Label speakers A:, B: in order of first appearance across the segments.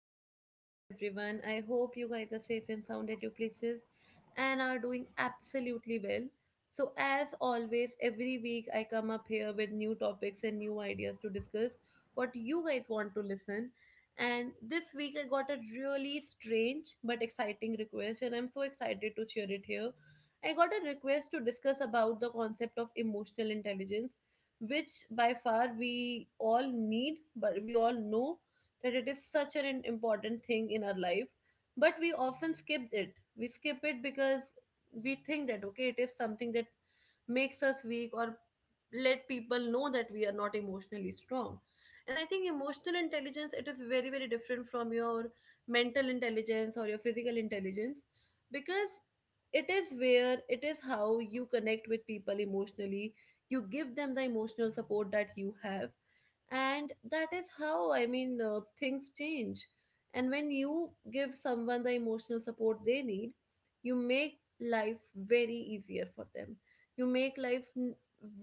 A: warm good morning to everyone. I hope you guys are safe and sound at your places and are doing absolutely well. So, as always, every week I come up here with new topics and new ideas to discuss what you guys want to listen. And this week I got a really strange but exciting request, and I'm so excited to share it here. I got a request to discuss about the concept of emotional intelligence which by far we all need, but we all know that it is such an important thing in our life. But we often skip it. We skip it because we think that, okay, it is something that makes us weak or let people know that we are not emotionally strong. And I think emotional intelligence, it is very very different from your mental intelligence or your physical intelligence, because it is where, it is how you connect with people emotionally, you give them the emotional support that you have, and that is how, things change. And when you give someone the emotional support they need, you make life very easier for them, you make life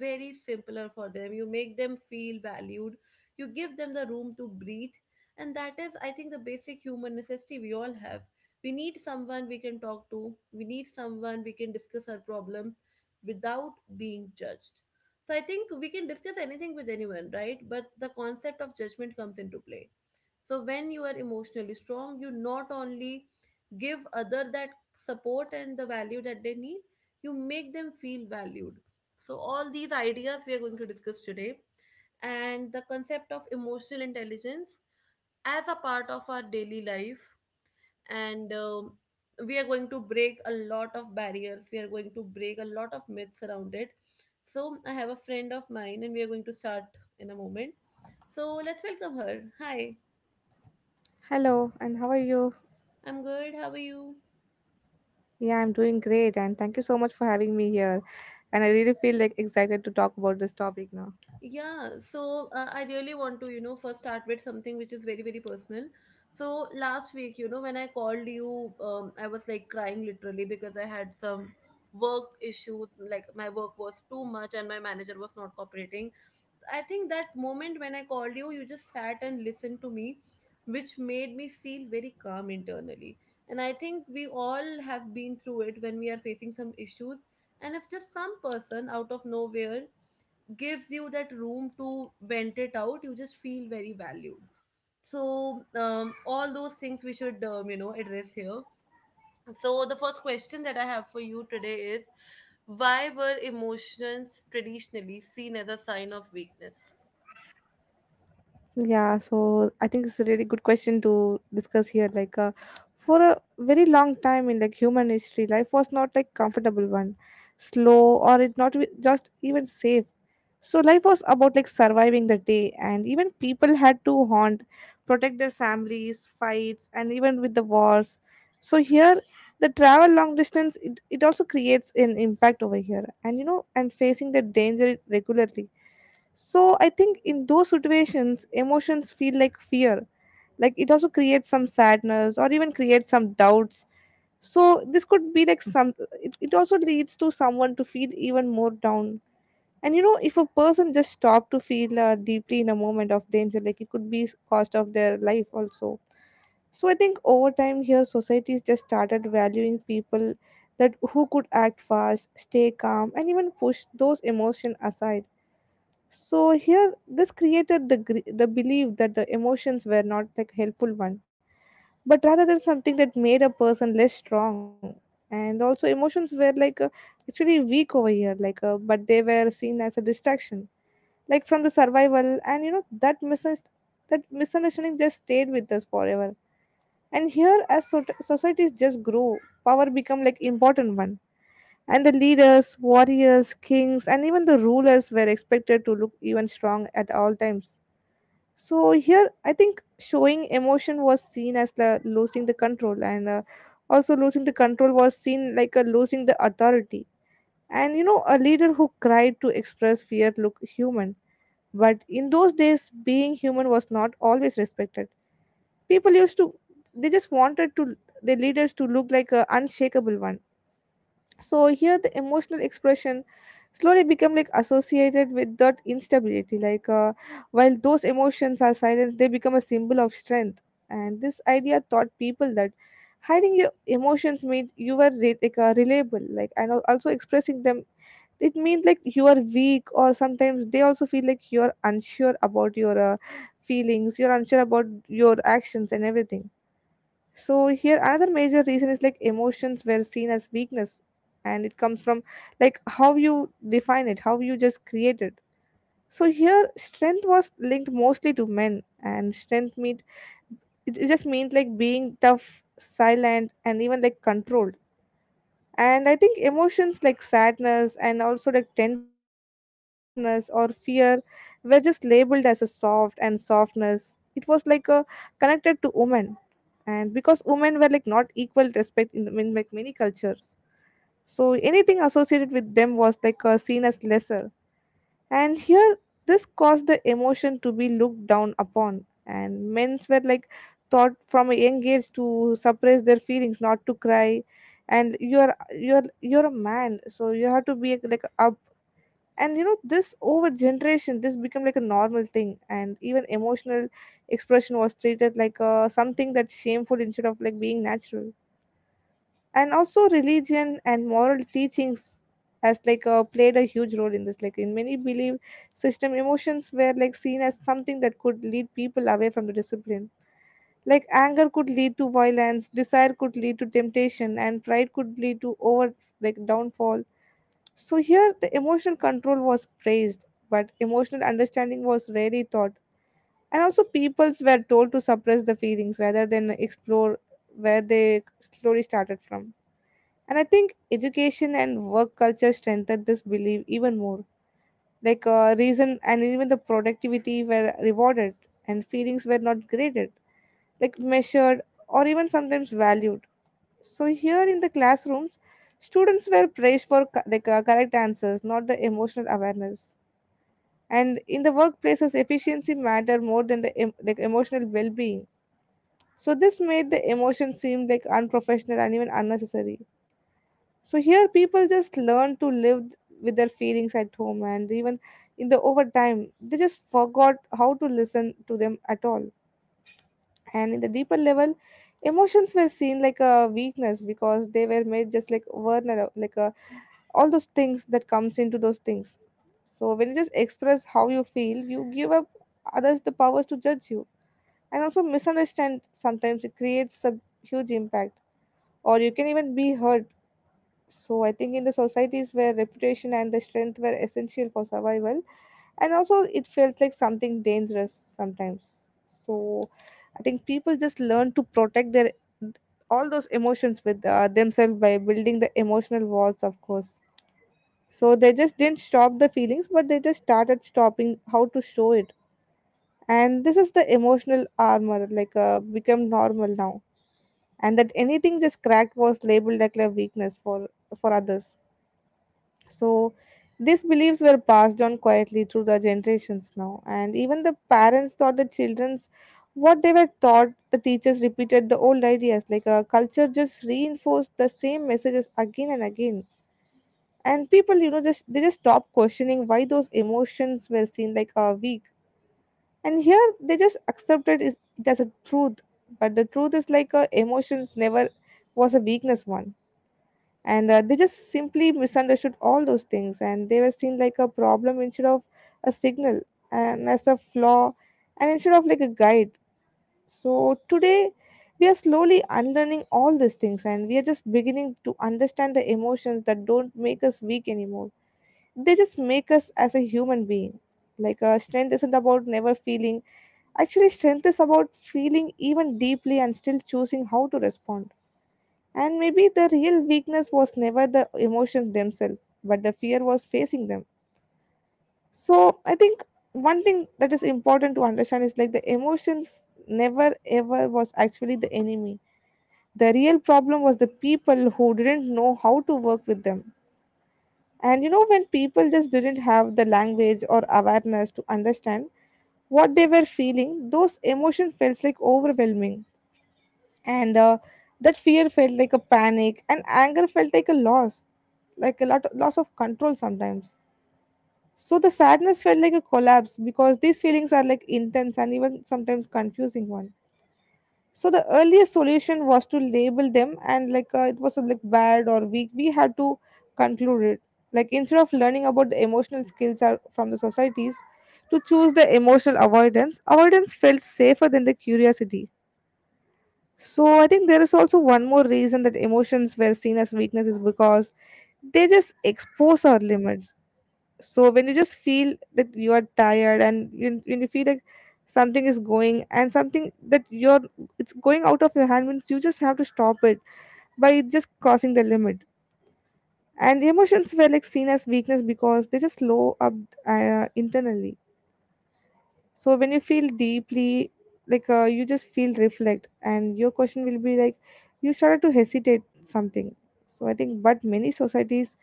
A: very simpler for them, you make them feel valued, you give them the room to breathe. And that is, I think, the basic human necessity we all have. We need someone we can talk to, we need someone we can discuss our problem without being judged. So I think we can discuss anything with anyone, right, but the concept of judgment comes into play. So when you are emotionally strong, you not only give other that support and the value that they need, you make them feel valued. So all these ideas we are going to discuss today, and the concept of emotional intelligence as a part of our daily life. And We are going to break a lot of barriers, we are going to break a lot of myths around it. So I have a friend of mine and we are going to start in a moment. So let's welcome her. Hi.
B: Hello, and how are you?
A: I'm good. How are you?
B: Yeah, I'm doing great, and thank you so much for having me here. And I really feel like excited to talk about this topic now.
A: Yeah, so I really want to, you know, first start with something which is very, very personal. So last week, you know, when I called you, I was like crying literally because I had some work issues. Like my work was too much and my manager was not cooperating. I think that moment when I called you, you just sat and listened to me, which made me feel very calm internally. And I think we all have been through it when we are facing some issues. And if just some person out of nowhere gives you that room to vent it out, you just feel very valued. So all those things we should, you know, address here. So the first question that I have for you today is, why were emotions traditionally seen as a sign of weakness?
B: Yeah, so I think it's a really good question to discuss here. Like, for a very long time in like human history, life was not like comfortable one, slow, or it not just even safe. So life was about like surviving the day, and even people had to haunt, protect their families, fights, and even with the wars. So here, the travel long distance it also creates an impact over here, and and facing the danger regularly. So I think in those situations, emotions feel like fear. Like it also creates some sadness or even creates some doubts. So this could be like some. It also leads to someone to feel even more down, and if a person just stopped to feel deeply in a moment of danger, like it could be cost of their life also. So I think over time here, societies just started valuing people that who could act fast, stay calm, and even push those emotions aside. So here, this created the belief that the emotions were not like helpful one, but rather than something that made a person less strong. And also, emotions were like actually weak over here, like but they were seen as a distraction like from the survival, and you know that that misunderstanding just stayed with us forever. And here, as societies just grow, power become like important one, and the leaders, warriors, kings, and even the rulers were expected to look even strong at all times. So here, I think showing emotion was seen as the losing the control, and also losing the control was seen like a losing the authority. And a leader who cried to express fear looked human, but in those days, being human was not always respected. People used to, they just wanted to their leaders to look like an unshakable one. So here, the emotional expression slowly become like associated with that instability. Like, while those emotions are silenced, they become a symbol of strength. And this idea taught people that hiding your emotions made you were like reliable. Like, and also expressing them, it means like you are weak, or sometimes they also feel like you're unsure about your feelings, you're unsure about your actions and everything. So here, another major reason is like emotions were seen as weakness, and it comes from like how you define it, how you just create it. So here, strength was linked mostly to men, and strength meant it just means like being tough, silent, and even like controlled. And I think emotions like sadness and also like tenderness or fear were just labeled as a soft, and softness, it was like a connected to women. And because women were like not equal respect in like many cultures, so anything associated with them was like seen as lesser. And here, this caused the emotion to be looked down upon, and men's were like taught from a young age to suppress their feelings, not to cry. And you're a man, so you have to be like up. And this over generation, this became like a normal thing, and even emotional expression was treated like something that's shameful instead of like being natural. And also, religion and moral teachings has like played a huge role in this. Like in many belief system, emotions were like seen as something that could lead people away from the discipline. Like anger could lead to violence, desire could lead to temptation, and pride could lead to over, like, downfall. So here, the emotional control was praised, but emotional understanding was rarely taught. And also peoples were told to suppress the feelings rather than explore where they slowly started from. And I think education and work culture strengthened this belief even more. Like, reason and even the productivity were rewarded, and feelings were not graded, like measured, or even sometimes valued. So here in the classrooms, students were praised for like correct answers, not the emotional awareness. And in the workplaces, efficiency mattered more than the like emotional well-being. So this made the emotion seem like unprofessional and even unnecessary. So here, people just learn to live with their feelings at home, and even in the overtime, they just forgot how to listen to them at all. And in the deeper level, emotions were seen like a weakness because they were made just like vulnerable, like a, all those things that comes into those things. So when you just express how you feel, you give up others the powers to judge you. And also misunderstand, sometimes it creates a huge impact. Or you can even be hurt. So I think in the societies where reputation and the strength were essential for survival, and also it felt like something dangerous sometimes. So I think people just learn to protect their all those emotions with themselves by building the emotional walls, of course. So they just didn't stop the feelings, but they just started stopping how to show it. And this is the emotional armor, like become normal now. And that anything just cracked was labeled like a weakness for others. So these beliefs were passed on quietly through the generations now, and even the parents taught the children's what they were taught. The teachers repeated the old ideas, like a culture just reinforced the same messages again and again. And people, just they just stopped questioning why those emotions were seen like a weak. And here they just accepted it as a truth. But the truth is like emotions never was a weakness one, and they just simply misunderstood all those things, and they were seen like a problem instead of a signal, and as a flaw, and instead of like a guide. So today, we are slowly unlearning all these things, and we are just beginning to understand the emotions that don't make us weak anymore. They just make us as a human being. Like, strength isn't about never feeling. Actually, strength is about feeling even deeply and still choosing how to respond. And maybe the real weakness was never the emotions themselves, but the fear was facing them. So I think one thing that is important to understand is like the emotions never ever was actually the enemy. The real problem was the people who didn't know how to work with them. When people just didn't have the language or awareness to understand what they were feeling, those emotions felt like overwhelming. And that fear felt like a panic, and anger felt like a loss, like a lot loss of control sometimes. So the sadness felt like a collapse because these feelings are like intense and even sometimes confusing one. So the earliest solution was to label them, and like it was like bad or weak, we had to conclude it. Like, instead of learning about the emotional skills are from the societies, to choose the emotional avoidance. Avoidance felt safer than the curiosity. So I think there is also one more reason that emotions were seen as weaknesses because they just expose our limits. So when you just feel that you are tired, and when you feel like something is going, and something that you're, it's going out of your hand, means you just have to stop it by just crossing the limit. And emotions were like seen as weakness because they just slow up internally. So when you feel deeply, like you just feel reflect, and your question will be like you started to hesitate something. So I think, but many societies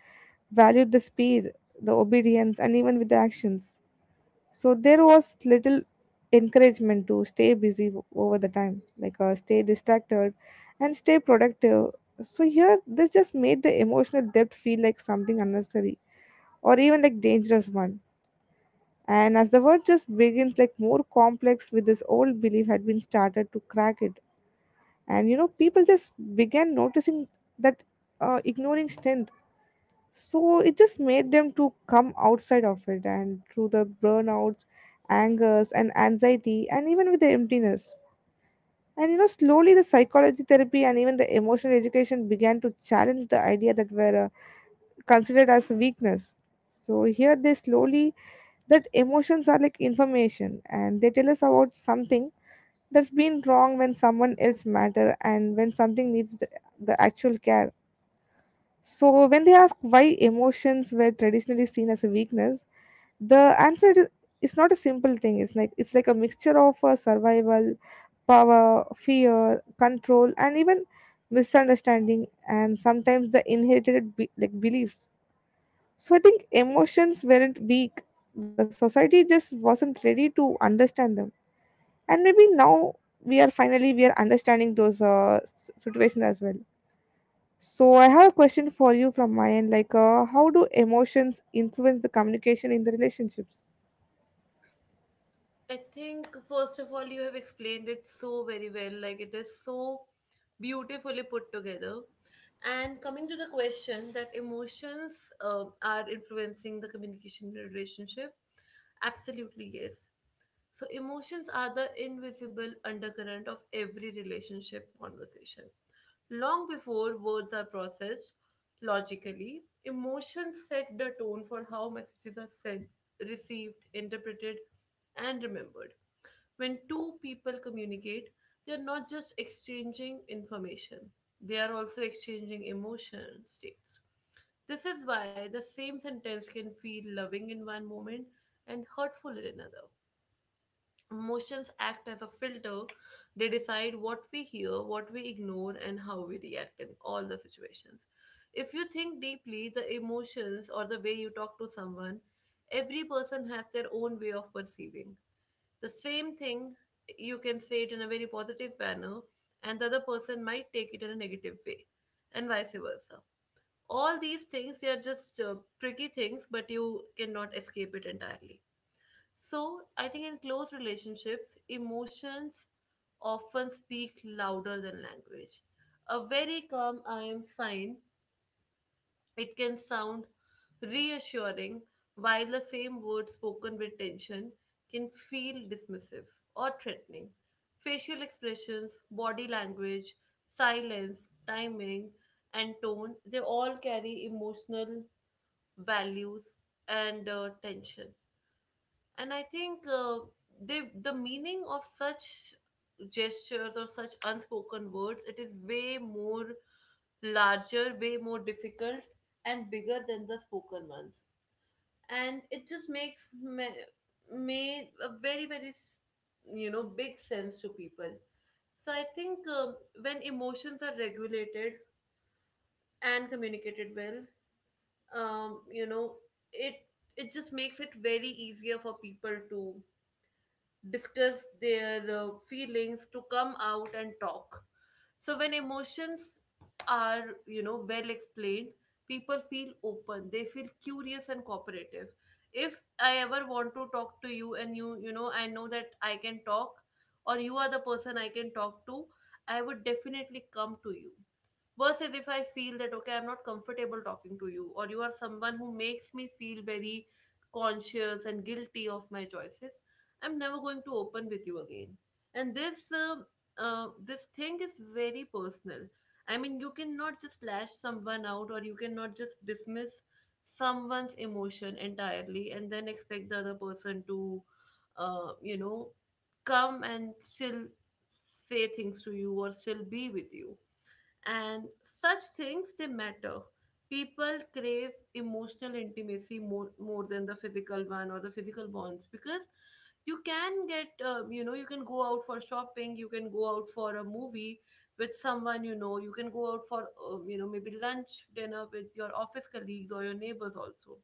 B: value the speed, the obedience, and even with the actions. So there was little encouragement to stay busy over the time, like stay distracted and stay productive. So here, this just made the emotional depth feel like something unnecessary, or even like dangerous one. And as the world just begins like more complex with this, old belief had been started to crack it. And people just began noticing that ignoring strength, so it just made them to come outside of it and through the burnouts, angers and anxiety, and even with the emptiness. And slowly, the psychology, therapy, and even the emotional education began to challenge the idea that were considered as weakness. So here they slowly, that emotions are like information and they tell us about something that's been wrong, when someone else matter, and when something needs the actual care. So when they Ask why emotions were traditionally seen as a weakness. The answer is, it's not a simple thing. It's like a mixture of survival, power, fear, control, and even misunderstanding, and sometimes the inherited beliefs. So I think emotions weren't weak, the society just wasn't ready to understand them. And maybe now we are understanding those situations as well. So I have a question for you from my end, like how do emotions influence the communication in the relationships?
A: I think, first of all, you have explained it so very well. Like, it is so beautifully put together. And coming to the question that emotions are influencing the communication in a relationship, absolutely yes. So emotions are the invisible undercurrent of every relationship conversation. Long before words are processed logically, emotions set the tone for how messages are sent, received, interpreted, and remembered. When two people communicate, they are not just exchanging information, they are also exchanging emotion states. This is why the same sentence can feel loving in one moment and hurtful in another. Emotions act as a filter. They decide what we hear, what we ignore, and how we react in all the situations. If you think deeply, the emotions or the way you talk to someone, every person has their own way of perceiving. The same thing, you can say it in a very positive manner, and the other person might take it in a negative way, and vice versa. All these things, they are just tricky things, but you cannot escape it entirely. So, I think in close relationships, emotions often speak louder than language. A very calm "I am fine," it can sound reassuring, while the same word spoken with tension can feel dismissive or threatening. Facial expressions, body language, silence, timing, and tone, they all carry emotional values and tension. And I think they, the meaning of such gestures or such unspoken words, it is way more larger, way more difficult and bigger than the spoken ones, and it just me- made a you know, big sense to people. So I think when emotions are regulated and communicated well, you know, it it just makes it very easier for people to discuss their feelings, to come out and talk. So when emotions are, you know, well explained, people feel open. They feel curious and cooperative. If I ever want to talk to you and you, you know, I know that I can talk, or you are the person I can talk to, I would definitely come to you, versus if I feel that, okay, I'm not comfortable talking to you, or you are someone who makes me feel very conscious and guilty of my choices, I'm never going to open with you again. And this thing is very personal. I mean, you cannot just lash someone out, or you cannot just dismiss someone's emotion entirely and then expect the other person to, you know, come and still say things to you or still be with you. And such things, they matter. People crave emotional intimacy more than the physical one or the physical bonds, because you can get, you know, you can go out for shopping, you can go out for a movie with someone, you know, you can go out for, you know, maybe lunch, dinner with your office colleagues or your neighbors also.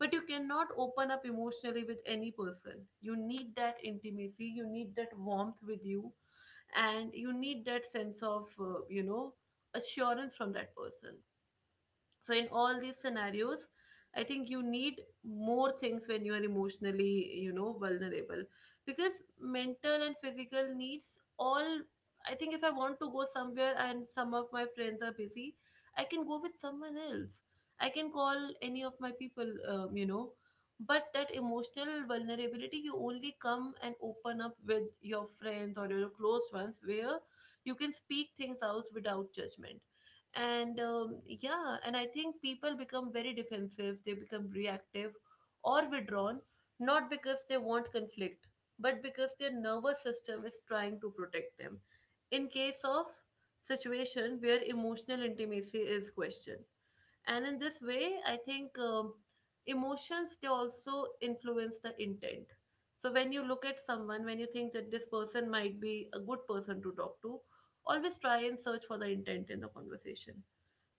A: But you cannot open up emotionally with any person. You need that intimacy, you need that warmth with you, and you need that sense of you know, assurance from that person. So in all these scenarios, I think you need more things when you are emotionally, you know, vulnerable, because mental and physical needs all. I think if I want to go somewhere and some of my friends are busy, I can go with someone else. I can call any of my people, you know, but that emotional vulnerability, you only come and open up with your friends or your close ones where you can speak things out without judgment. And yeah, and I think people become very defensive, they become reactive or withdrawn, not because they want conflict, but because their nervous system is trying to protect them in case of situation where emotional intimacy is questioned. And in this way I think, emotions, they also influence the intent. So when you look at someone, when you think that this person might be a good person to talk to, always try and search for the intent in the conversation.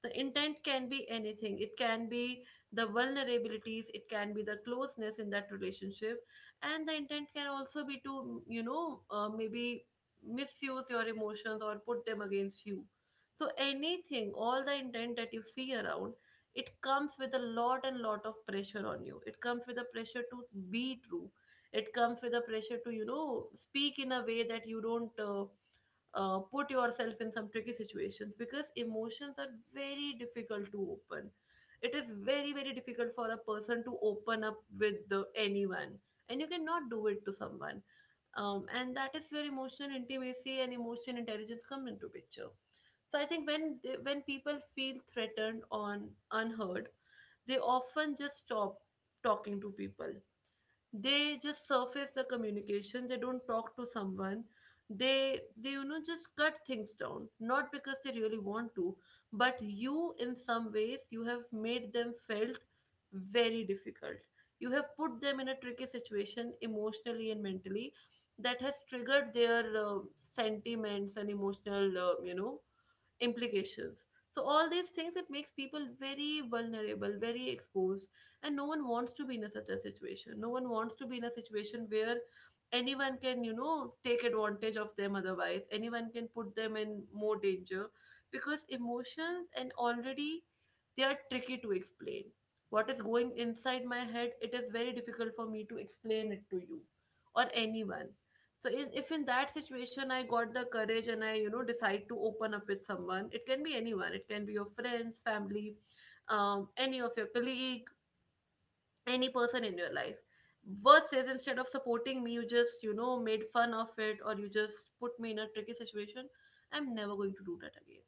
A: The intent can be anything. It can be the vulnerabilities, it can be the closeness in that relationship, and the intent can also be to, you know, maybe misuse your emotions or put them against you. So anything, all the intent that you see around, it comes with a lot and lot of pressure on you. It comes with a pressure to be true, it comes with a pressure to, you know, speak in a way that you don't, put yourself in some tricky situations, because emotions are very difficult to open. It is very very difficult for a person to open up with, the, anyone, and you cannot do it to someone. And that is where emotional intimacy and emotional intelligence come into picture. So I think when people feel threatened or unheard, they often just stop talking to people. They just surface the communication, they don't talk to someone, they, you know, just cut things down, not because they really want to, but you in some ways you have made them felt very difficult. You have put them in a tricky situation emotionally and mentally that has triggered their sentiments and emotional, you know, implications. So all these things, it makes people very vulnerable, very exposed, and no one wants to be in a, such a situation. No one wants to be in a situation where anyone can, you know, take advantage of them, otherwise anyone can put them in more danger, because emotions and already, they are tricky to explain. What is going inside my head, it is very difficult for me to explain it to you or anyone. So in, if in that situation I got the courage and I, you know, decide to open up with someone, it can be anyone. It can be your friends, family, any of your colleague, any person in your life. Versus instead of supporting me, you just made fun of it or you just put me in a tricky situation. I'm never going to do that again.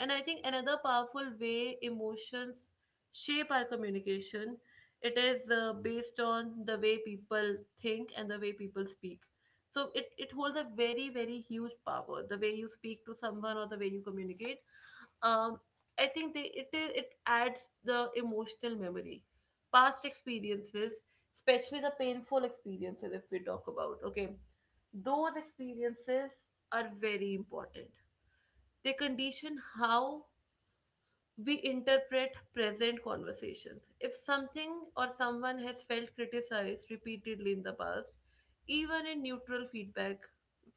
A: And I think another powerful way emotions shape our communication, it is based on the way people think and the way people speak. So it holds a very, very huge power, the way you speak to someone or the way you communicate. Um, I think it adds the emotional memory. Past experiences, especially the painful experiences, if we talk about, okay, those experiences are very important. They condition how we interpret present conversations. If something or someone has felt criticized repeatedly in the past, even in neutral feedback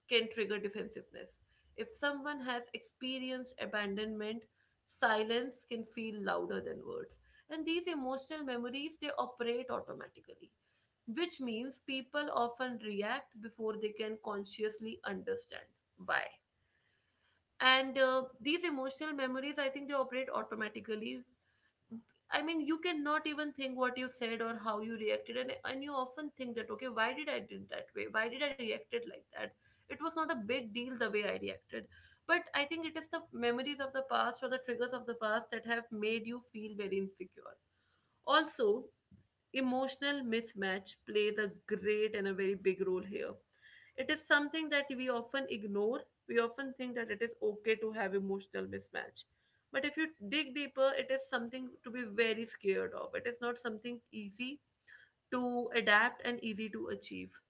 A: can trigger defensiveness. If someone has experienced abandonment, silence can feel louder than words. And these emotional memories, they operate automatically, which means people often react before they can consciously understand why. And these emotional memories, I think they operate automatically. I mean, you cannot even think what you said or how you reacted, and you often think that, okay, why did I did that way? Why did I reacted like that? It was not a big deal the way I reacted, but I think it is the memories of the past or the triggers of the past that have made you feel very insecure. Also, emotional mismatch plays a great and a very big role here. It is something that we often ignore. We often think that it is okay to have emotional mismatch. But if you dig deeper, it is something to be very scared of. It is not something easy to adapt and easy to achieve.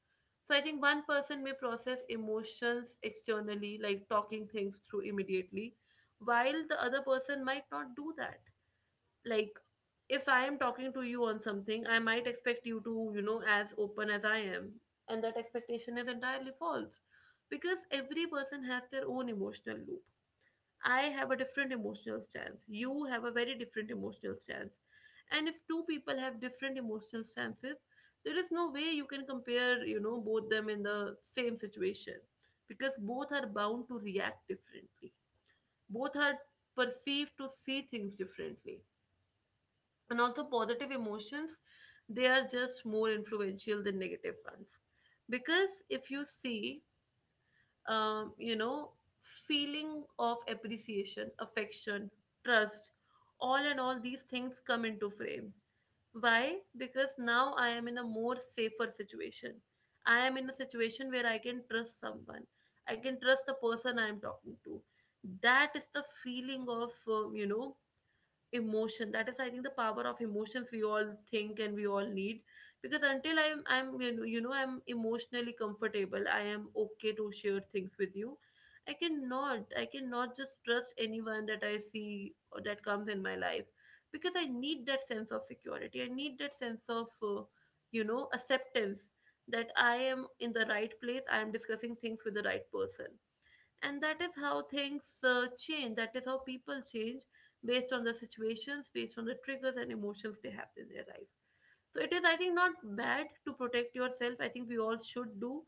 A: So I think one person may process emotions externally, like talking things through immediately, while the other person might not do that. Like, if I am talking to you on something, I might expect you to as open as I am, and that expectation is entirely false, because every person has their own emotional loop. I have a different emotional stance, you have a very different emotional stance. And if two people have different emotional stances, there is no way you can compare, both them in the same situation, because both are bound to react differently, both are perceived to see things differently. And also positive emotions, they are just more influential than negative ones because if you see, um, you know feeling of appreciation, affection, trust, all and all these things come into frame. Why? Because now I am in a more safer situation. I am in a situation where I can trust someone. I can trust the person I am talking to. That is the feeling of emotion. That is, I think, the power of emotions we all think and we all need. Because until I'm I'm emotionally comfortable, I am okay to share things with you. I cannot just trust anyone that I see or that comes in my life, because I need that sense of security, I need that sense of acceptance, that I am in the right place, I am discussing things with the right person. And that is how things change, that is how people change based on the situations, based on the triggers and emotions they have in their life. So it is, I think, not bad to protect yourself. I think we all should do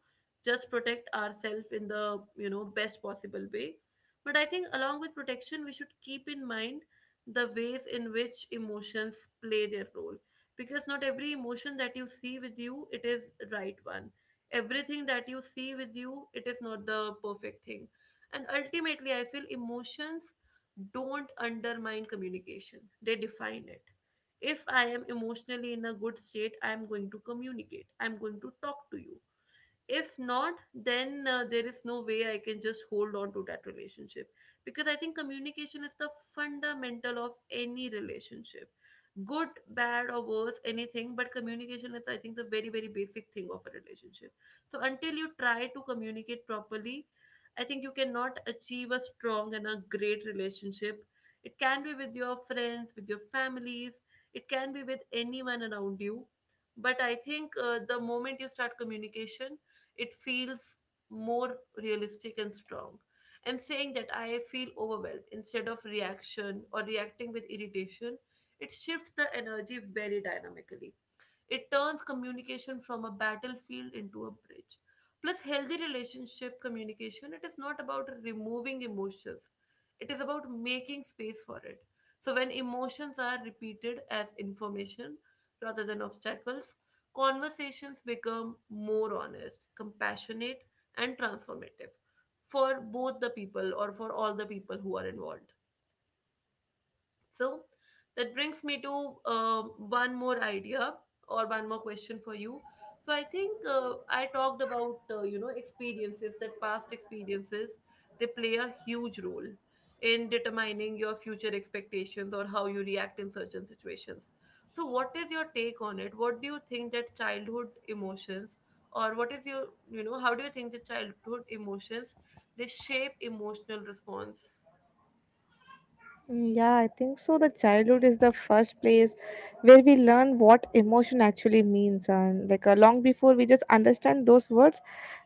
A: just protect ourselves in the best possible way. But I think along with protection, we should keep in mind the ways in which emotions play their role, because not every emotion that you see with you, it is right one. Everything that you see with you, it is not the perfect thing. And ultimately, I feel emotions don't undermine communication, they define it. If I am emotionally in a good state, I am going to communicate. I am going to talk to you. If not, then there is no way I can just hold on to that relationship, because I think communication is the fundamental of any relationship. Good, bad or worse, anything, but communication is, I think, the very, very basic thing of a relationship. So until you try to communicate properly, I think you cannot achieve a strong and a great relationship. It can be with your friends, with your families, it can be with anyone around you. But I think, the moment you start communication, it feels more realistic and strong. And saying that I feel overwhelmed instead of reaction or reacting with irritation, it shifts the energy very dynamically. It turns communication from a battlefield into a bridge. Plus, healthy relationship communication, it is not about removing emotions, it is about making space for it. So, when emotions are repeated as information rather than obstacles, conversations become more honest, compassionate, and transformative for both the people, or for all the people who are involved. So that brings me to one more idea or one more question for you. So I think, I talked about experiences, that past experiences, they play a huge role in determining your future expectations or how you react in certain situations. So what is your take on it? What do you think that childhood emotions, or what is your, how do you think that childhood emotions, they shape emotional response?
B: Mm, yeah, I think so. The childhood is the first place where we learn what emotion actually means. And long before we just understand those words,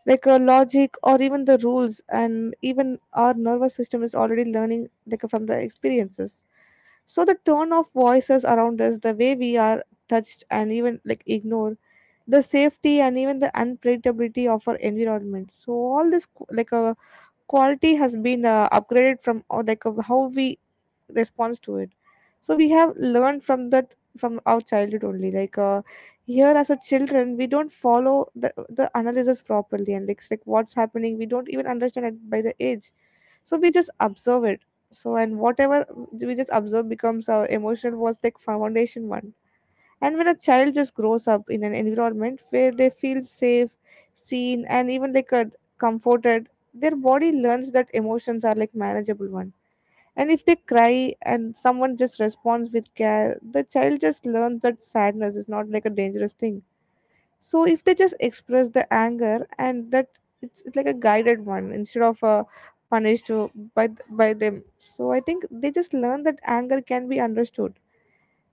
B: logic or even the rules, and even our nervous system is already learning, from the experiences. So the tone of voices around us, the way we are touched and even like ignore, the safety and even the unpredictability of our environment. So all this qu- like a quality has been upgraded from, or like of how we response to it. So we have learned from that, from our childhood only, here as a children, we don't follow the analysis properly, and like what's happening, we don't even understand it by the age. So we just observe it. So and whatever we just observe becomes our emotional was like foundation one. And when a child just grows up in an environment where they feel safe, seen, and even comforted, their body learns that emotions are like manageable one. And if they cry and someone just responds with care, the child just learns that sadness is not like a dangerous thing. So if they just express the anger, and that it's like a guided one instead of a punished by by them. So I think they just learn that anger can be understood.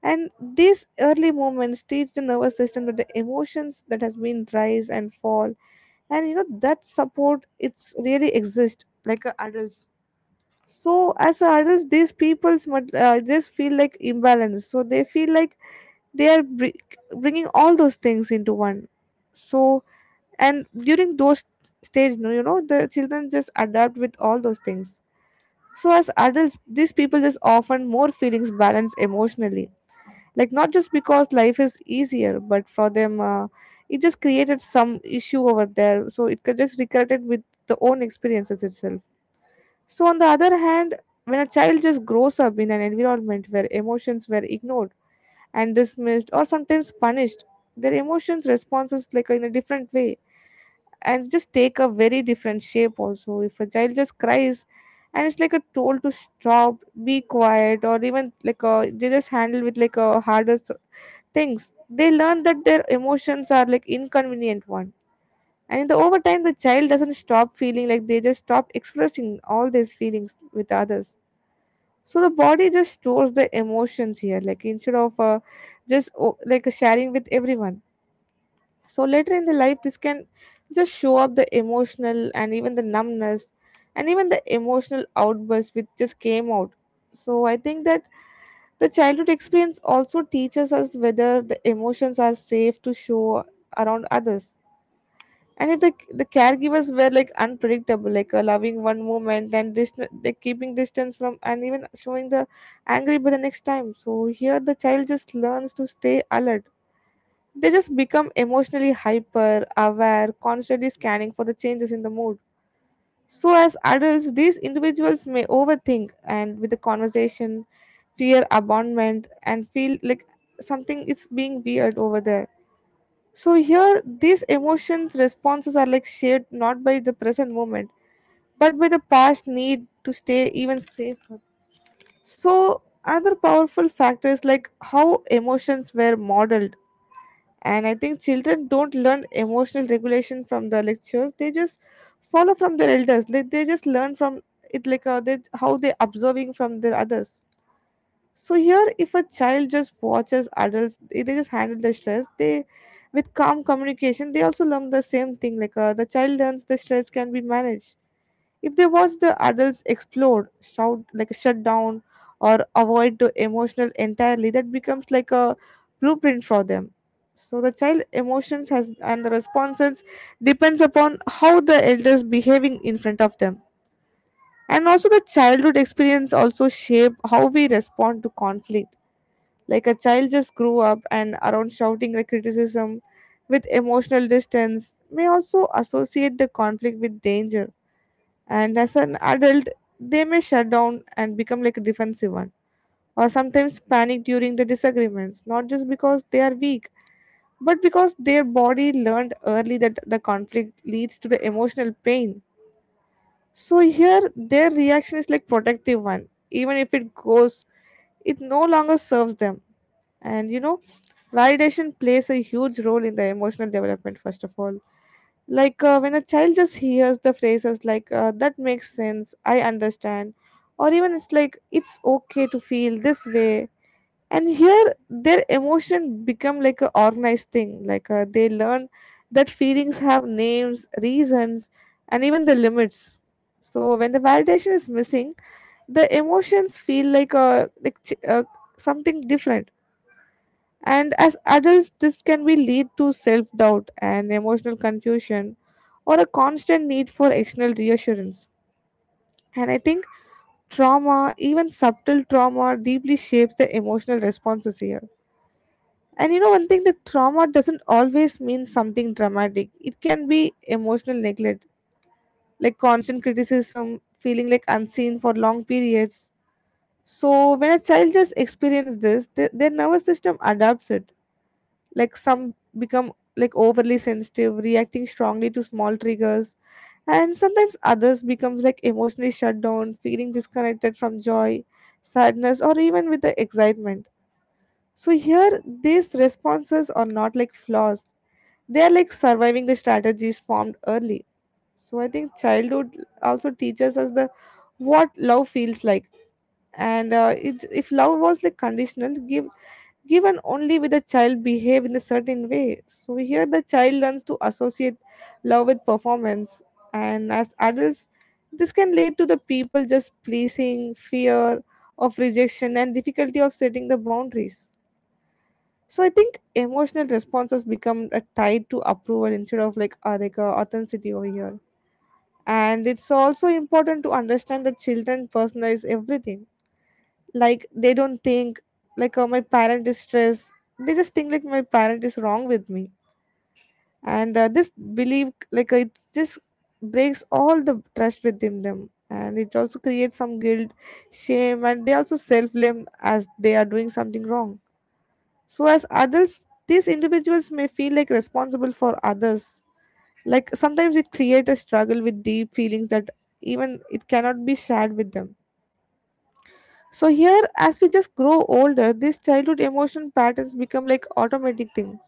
B: And these early movements teach the nervous system that the emotions that has been rise and fall, and you know that support, it's really exist like a adults. So as a adults, these peoples just feel like imbalance. So they feel like they are bringing all those things into one. So and during those stage, no, you know, the children just adapt with all those things. So as adults, these people just often more feelings balance emotionally, like not just because life is easier, but for them it just created some issue over there, so it could just recurrent it with the own experiences itself. So on the other hand, when a child just grows up in an environment where emotions were ignored and dismissed or sometimes punished, their emotions responses like in a different way, and just take a very different shape. Also, if a child just cries and it's like a told to stop, be quiet, or even like a, they just handle with like a harder things, they learn that their emotions are like inconvenient one. And in the overtime the child doesn't stop feeling, like they just stop expressing all these feelings with others. So the body just stores the emotions here, like instead of like sharing with everyone. So later in the life this can just show up the emotional and even the numbness, and even the emotional outburst which just came out. So I think that the childhood experience also teaches us whether the emotions are safe to show around others. And if the, the caregivers were like unpredictable, like allowing one moment, and like keeping distance from, and even showing the angry by the next time. So here the child just learns to stay alert. They just become emotionally hyper, aware, constantly scanning for the changes in the mood. So as adults, these individuals may overthink and with the conversation, fear abandonment and feel like something is being weird over there. So here these emotions responses are like shaped not by the present moment, but by the past need to stay even safer. So another powerful factor is like how emotions were modeled. And I think children don't learn emotional regulation from the lectures, they just follow from their elders, like they just learn from it, how they observing from their others. So here, if a child just watches adults, they just handle the stress. They, with calm communication, they also learn the same thing. The child learns the stress can be managed. If they watch the adults explode, shout, like shut down, or avoid the emotional entirely, that becomes like a blueprint for them. So the child emotions has and the responses depends upon how the elders behaving in front of them. And also the childhood experience also shape how we respond to conflict, like a child just grew up and around shouting, like criticism with emotional distance, may also associate the conflict with danger. And as an adult, they may shut down and become like a defensive one, or sometimes panic during the disagreements, not just because they are weak, but because their body learned early that the conflict leads to the emotional pain. So here their reaction is like protective one. Even if it goes, it no longer serves them. And you know, validation plays a huge role in the emotional development, first of all. When a child just hears the phrases like, that makes sense, I understand, or even it's like, it's okay to feel this way. And here, their emotion become like a organized thing. They learn that feelings have names, reasons, and even the limits. So when the validation is missing, the emotions feel like a something different. And as adults, this can be lead to self doubt and emotional confusion, or a constant need for external reassurance. And I think trauma, even subtle trauma, deeply shapes the emotional responses here. And you know, one thing that trauma doesn't always mean something dramatic, it can be emotional neglect, like constant criticism, feeling like unseen for long periods. So, when a child just experiences this, their nervous system adapts it, like some become like overly sensitive, reacting strongly to small triggers, and sometimes others becomes like emotionally shut down, feeling disconnected from joy, sadness, or even with the excitement. So here these responses are not like flaws, they are like surviving the strategies formed early. So I think childhood also teaches us the what love feels like. And it's, if love was like conditional give, given only with the child behave in a certain way. So here the child learns to associate love with performance, and as adults, this can lead to the people just pleasing, fear of rejection, and difficulty of setting the boundaries. So I think emotional responses become tied to approval instead of authenticity over here. And it's also important to understand that children personalize everything, like they don't think like, oh, my parent is stressed, they just think like, my parent is wrong with me. And this belief it just breaks all the trust within them, and it also creates some guilt, shame, and they also self-blame as they are doing something wrong. So as adults these individuals may feel like responsible for others, like sometimes it creates a struggle with deep feelings that even it cannot be shared with them. So here, as we just grow older, these childhood emotion patterns become like automatic thing,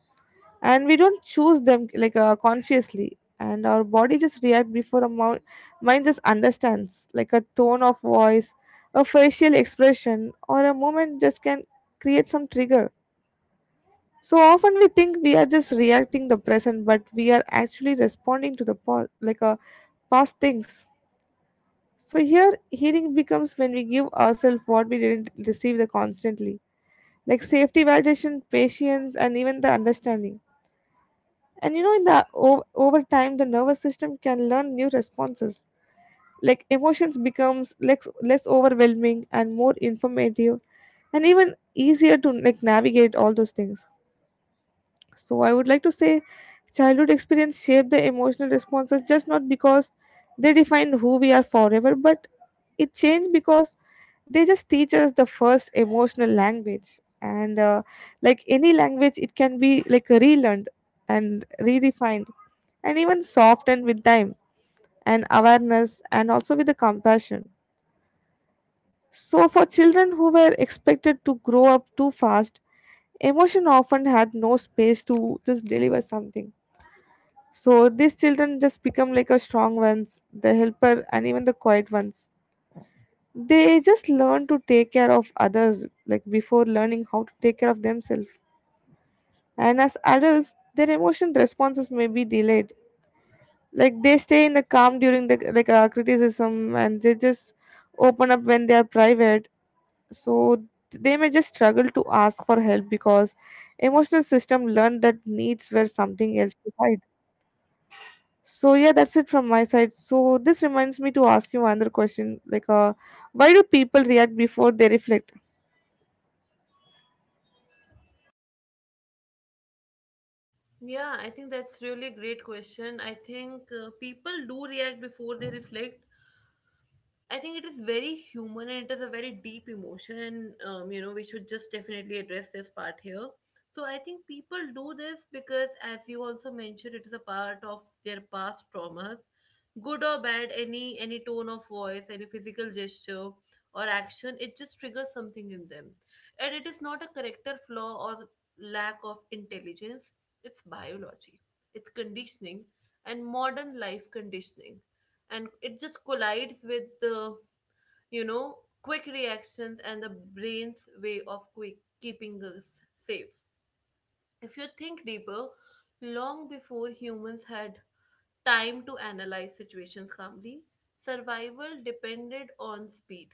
B: and we don't choose them consciously. And our body just react before a mind just understands, like a tone of voice, a facial expression, or a moment just can create some trigger. So often we think we are just reacting the present, but we are actually responding to the past, past things. So here, healing becomes when we give ourselves what we didn't receive the constantly, like safety, validation, patience, and even the understanding. And you know, in the over time the nervous system can learn new responses, like emotions becomes less overwhelming and more informative, and even easier to like navigate all those things. So I would like to say, childhood experience shape the emotional responses just not because they define who we are forever, but it changed because they just teach us the first emotional language. And like any language, it can be like relearned and redefined and even softened with time and awareness, and also with the compassion. So for children who were expected to grow up too fast, emotion often had no space to just deliver something. So these children just become like a strong ones, the helper and even the quiet ones. They just learn to take care of others like before learning how to take care of themselves. And as adults, their emotion responses may be delayed. Like they stay in the calm during the criticism and they just open up when they are private. So they may just struggle to ask for help because emotional system learned that needs were something else to hide. So yeah, that's it from my side. So this reminds me to ask you another question, why do people react before they reflect?
A: Yeah, I think that's really a great question. I think people do react before they reflect. I think it is very human and it is a very deep emotion. And we should just definitely address this part here. So I think people do this because, as you also mentioned, it is a part of their past traumas, good or bad. Any tone of voice, any physical gesture or action, it just triggers something in them, and it is not a character flaw or lack of intelligence. It's biology. It's conditioning and modern life conditioning, and it just collides with the, you know, quick reactions and the brain's way of quick keeping us safe. If you think deeper, long before humans had time to analyze situations calmly, survival depended on speed.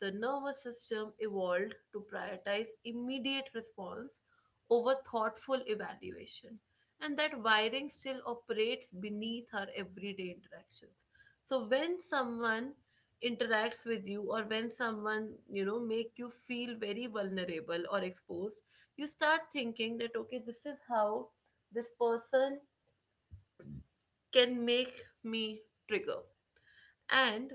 A: The nervous system evolved to prioritize immediate response over thoughtful evaluation. And that wiring still operates beneath our everyday interactions. So when someone interacts with you, or when someone you know make you feel very vulnerable or exposed, you start thinking that, okay, this is how this person can make me trigger. And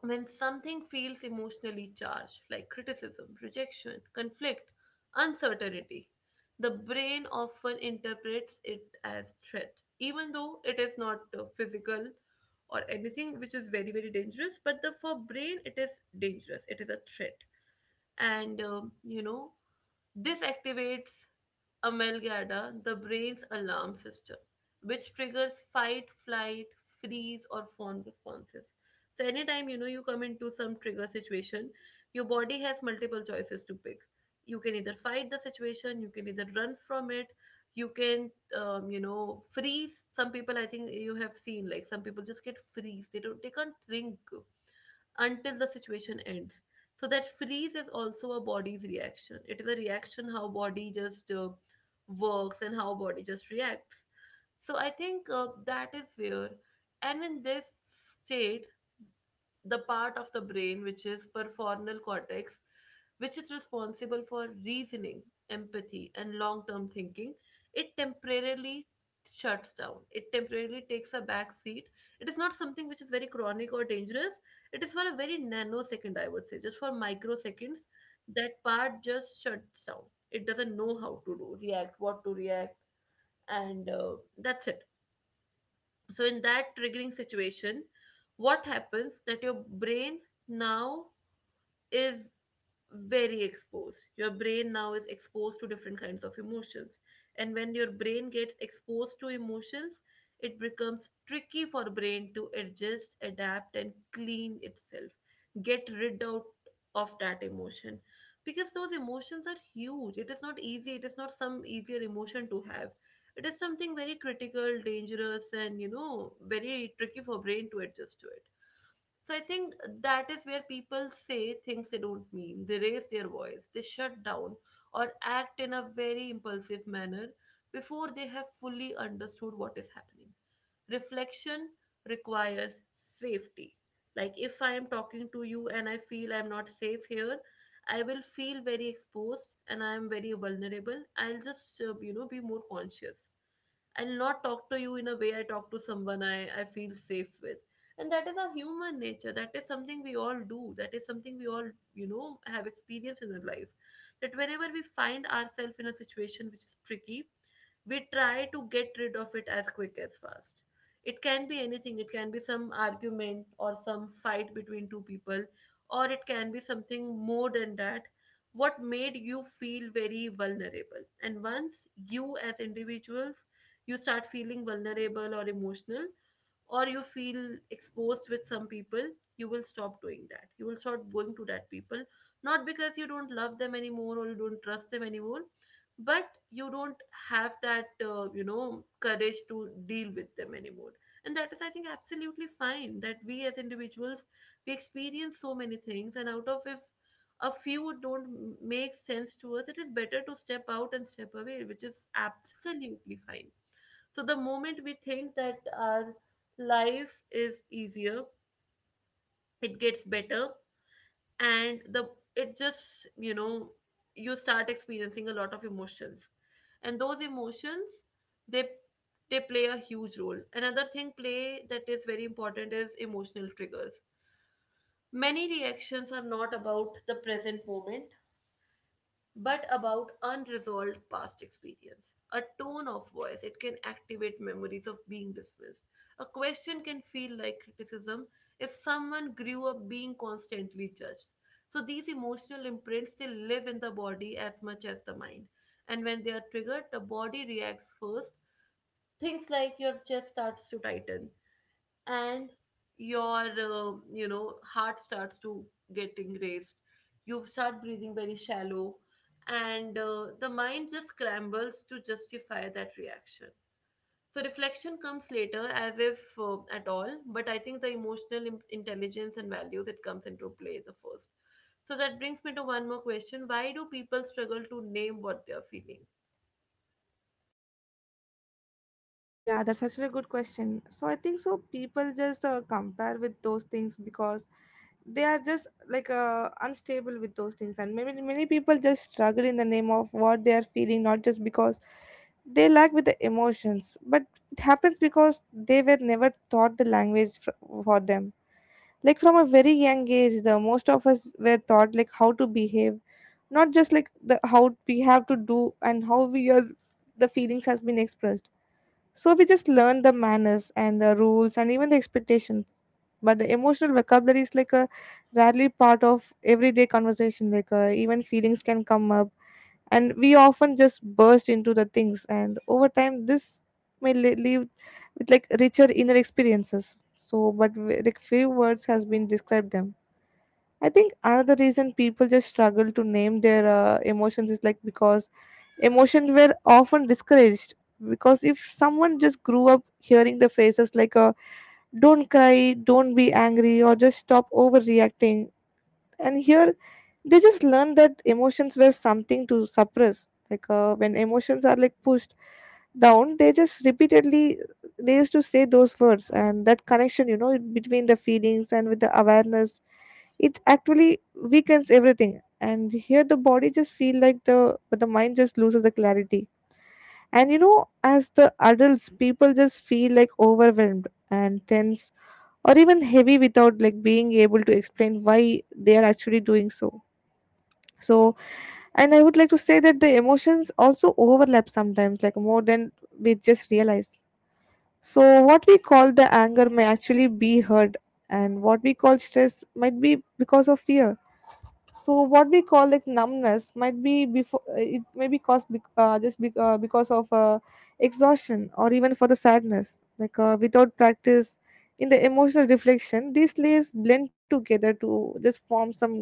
A: when something feels emotionally charged, like criticism, rejection, conflict, uncertainty, the brain often interprets it as threat, even though it is not physical or anything which is very, very dangerous, but the for brain it is dangerous, it is a threat. And this activates amalgada, the brain's alarm system, which triggers fight, flight, freeze, or fawn responses. So anytime you come into some trigger situation, your body has multiple choices to pick. You can either fight the situation, you can either run from it, you can freeze. Some people I think you have seen, like some people just get freeze. They can't think until the situation ends. So that freeze is also a body's reaction, it is a reaction how body just works and how body just reacts. So I think, that is where. And in this state, the part of the brain which is prefrontal cortex, which is responsible for reasoning, empathy, and long term thinking, it temporarily shuts down. It temporarily takes a back seat. It is not something which is very chronic or dangerous. It is for a very nanosecond, I would say, just for microseconds. That part just shuts down. It doesn't know how to do, react, what to react, and that's it. So in that triggering situation, what happens that your brain now is very exposed, your brain now is exposed to different kinds of emotions. And when your brain gets exposed to emotions, it becomes tricky for brain to adjust, adapt and clean itself, get rid out of that emotion, because those emotions are huge. It is not easy, it is not some easier emotion to have, it is something very critical, dangerous, and, very tricky for brain to adjust to it. So I think that is where people say things they don't mean. They raise their voice, they shut down, or act in a very impulsive manner before they have fully understood what is happening. Reflection requires safety. Like if I am talking to you and I feel I'm not safe here, I will feel very exposed and I am very vulnerable. I'll just, be more conscious. I'll not talk to you in a way I talk to someone I feel safe with. And that is our human nature. That is something we all do. That is something we all, have experienced in our life. That whenever we find ourselves in a situation which is tricky, we try to get rid of it as quick as fast. It can be anything. It can be some argument or some fight between two people, or it can be something more than that. What made you feel very vulnerable? And once you, as individuals, you start feeling vulnerable or emotional or you feel exposed with some people, you will stop doing that. You will start going to that people not because you don't love them anymore or you don't trust them anymore, but you don't have that courage to deal with them anymore. And that is, I think, absolutely fine that we as individuals, we experience so many things, and out of if a few don't make sense to us, it is better to step out and step away, which is absolutely fine. So the moment we think that our life is easier, it gets better, and the it just, you start experiencing a lot of emotions, and those emotions they they play a huge role. Another thing play that is very important is emotional triggers. Many reactions are not about the present moment but about unresolved past experience. A tone of voice, it can activate memories of being dismissed. A question can feel like criticism if someone grew up being constantly judged. So these emotional imprints, they live in the body as much as the mind. And when they are triggered, the body reacts first. Things like your chest starts to tighten, and your heart starts to getting raced, you start breathing very shallow, and the mind just scrambles to justify that reaction. So reflection comes later, as if at all, but I think the emotional intelligence and values, it comes into play the first. So that brings me to one more question: why do people struggle to name what they're feeling?
B: Yeah, that's actually a good question. So I think so people just compare with those things because they are just unstable with those things, and many people just struggle in the name of what they are feeling, not just because they lack with the emotions, but it happens because they were never taught the language for them. Like from a very young age the most of us were taught like how to behave, not just like the how we have to do and how we are the feelings has been expressed. So we just learn the manners and the rules and even the expectations, but the emotional vocabulary is like a rarely part of everyday conversation, even feelings can come up and we often just burst into the things, and over time this may leave with like richer inner experiences. So but like few words has been described them. I think another reason people just struggle to name their emotions is like because emotions were often discouraged, because if someone just grew up hearing the phrases like don't cry, don't be angry, or just stop overreacting. And here they just learned that emotions were something to suppress. When emotions are like pushed down, they just repeatedly they used to say those words, and that connection, you know, between the feelings and with the awareness, it actually weakens everything. And here the body just feel like the, but the mind just loses the clarity. And you know, as the adults, people just feel like overwhelmed and tense or even heavy without like being able to explain why they are actually doing so. So, and I would like to say that the emotions also overlap sometimes, like more than we just realize. So, what we call the anger may actually be hurt, and what we call stress might be because of fear. So what we call like numbness might be before, it may be caused because of exhaustion or even for the sadness. Without practice in the emotional reflection, these layers blend together to just form some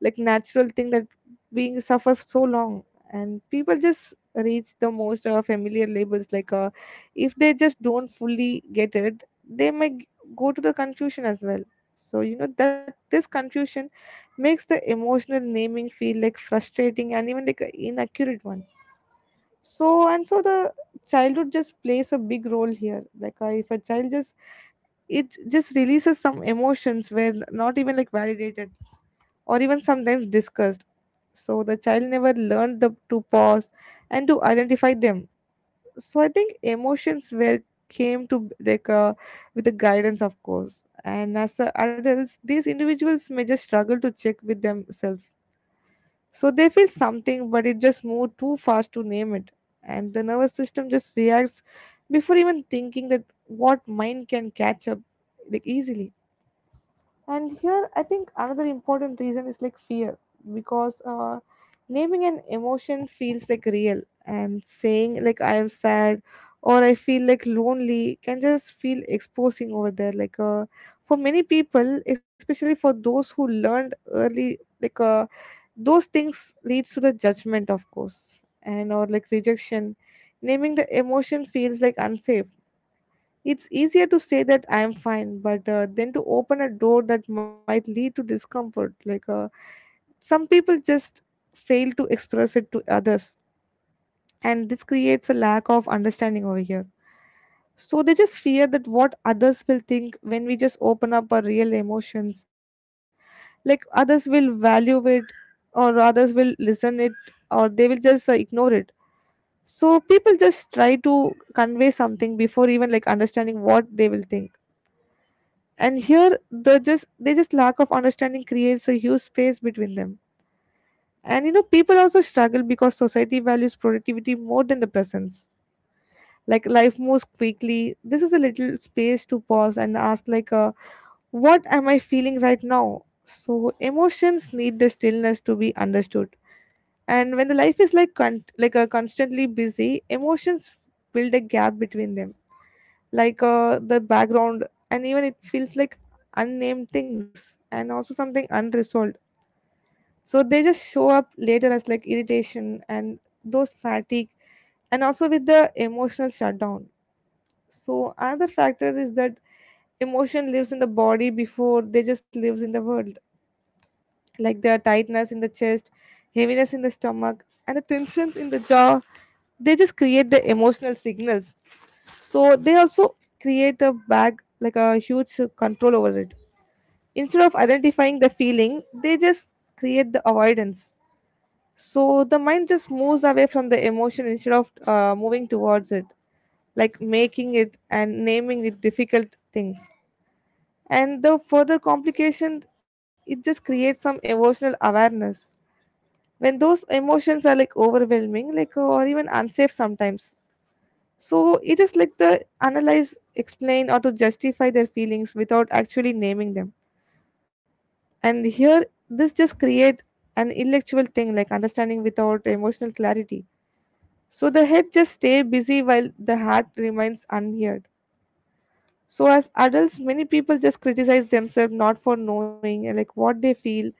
B: like natural thing that being suffer so long, and people just reach the most familiar labels. If they just don't fully get it, they may go to the confusion as well. So you know that this confusion makes the emotional naming feel like frustrating and even like an inaccurate one. So and so the childhood just plays a big role here. If a child just, it just releases some emotions where not even like validated or even sometimes discussed, so the child never learned the, to pause and to identify them. So I think emotions were came to like with the guidance, of course, and as adults, these individuals may just struggle to check with themselves. So they feel something, but it just moved too fast to name it. And the nervous system just reacts before even thinking that what mind can catch up like easily. And here, I think another important reason is like fear, because naming an emotion feels like real, and saying like I am sad or I feel like lonely can just feel exposing over there. For many people, especially for those who learned early, those things leads to the judgment, of course, and or like rejection. Naming the emotion feels like unsafe. It's easier to say that I'm fine, but then to open a door that might lead to discomfort. Some people just fail to express it to others, and this creates a lack of understanding over here. So they just fear that what others will think when we just open up our real emotions. Like others will value it, or others will listen it, or they will just ignore it. So people just try to convey something before even like understanding what they will think, and here the just they just lack of understanding creates a huge space between them. And you know, people also struggle because society values productivity more than the presence. Like life moves quickly, this is a little space to pause and ask like what am I feeling right now. So emotions need the stillness to be understood, and when the life is like like a constantly busy, emotions build a gap between them, the background, and even it feels like unnamed things and also something unresolved. So they just show up later as like irritation and those fatigue and also with the emotional shutdown. So another factor is that emotion lives in the body before they just lives in the world, like the tightness in the chest, heaviness in the stomach, and the tensions in the jaw. They just create the emotional signals. So they also create a bag like a huge control over it. Instead of identifying the feeling, they just create the avoidance. So the mind just moves away from the emotion instead of moving towards it, like making it and naming it difficult things. And the further complication, it just creates some emotional awareness when those emotions are like overwhelming like or even unsafe sometimes. So it is like the analyze, explain, or to justify their feelings without actually naming them. And here, this just create an intellectual thing like understanding without emotional clarity. So the head just stay busy while the heart remains unheard. So as adults, many people just criticize themselves not for knowing like what they feel,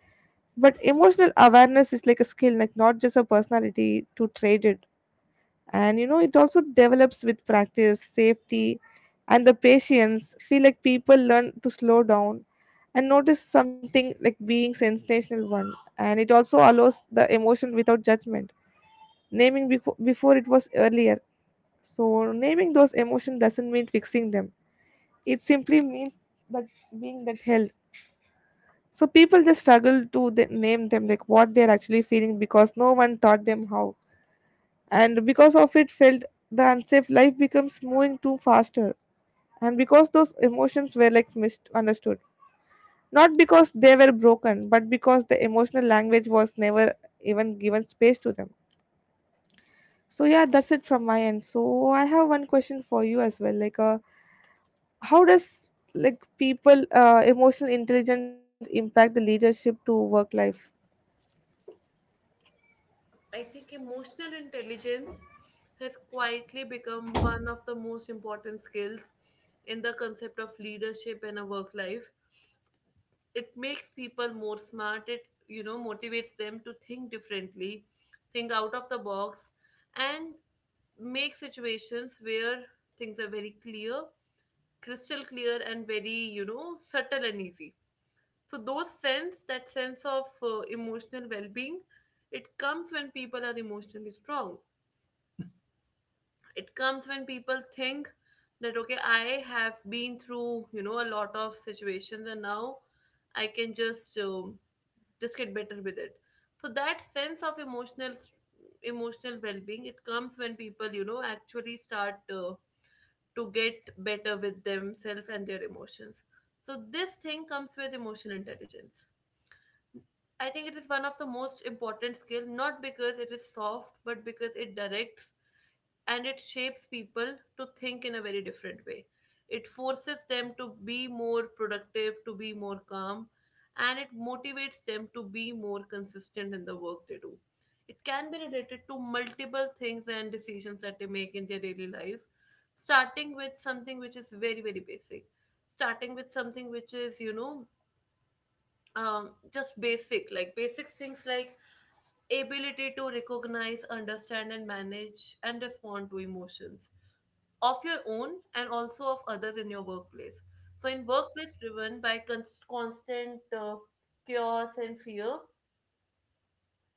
B: but emotional awareness is like a skill, like not just a personality to trade it. And you know, it also develops with practice safety, and the patience feel like people learn to slow down and notice something like being sensational one, and it also allows the emotion without judgment. Naming before, before it was earlier. So naming those emotion doesn't mean fixing them, it simply means that being that held. So people just struggle to the name them like what they're actually feeling because no one taught them how, and because of it felt the unsafe life becomes moving too faster, and because those emotions were like misunderstood, not because they were broken but because the emotional language was never even given space to them. So yeah, that's it from my end. So I have one question for you as well, how does like people emotional intelligence impact the leadership to work life?
A: I think emotional intelligence has quietly become one of the most important skills in the concept of leadership and a work life. It makes people more smart, it motivates them to think differently, think out of the box, and make situations where things are very clear, crystal clear, and very, subtle and easy. So those sense, that sense of emotional well-being, it comes when people are emotionally strong. It comes when people think that, okay, I have been through, a lot of situations, and now I can just get better with it. So that sense of emotional well-being, it comes when people, actually start to get better with themselves and their emotions. So this thing comes with emotional intelligence. I think it is one of the most important skill, not because it is soft but because it directs and it shapes people to think in a very different way. It forces them to be more productive, to be more calm, and it motivates them to be more consistent in the work they do. It can be related to multiple things and decisions that they make in their daily life, starting with something which is very, very basic, starting with something which is, you know, just basic, like basic things like ability to recognize, understand, and manage and respond to emotions of your own and also of others in your workplace. So, in workplace driven by constant chaos and fear,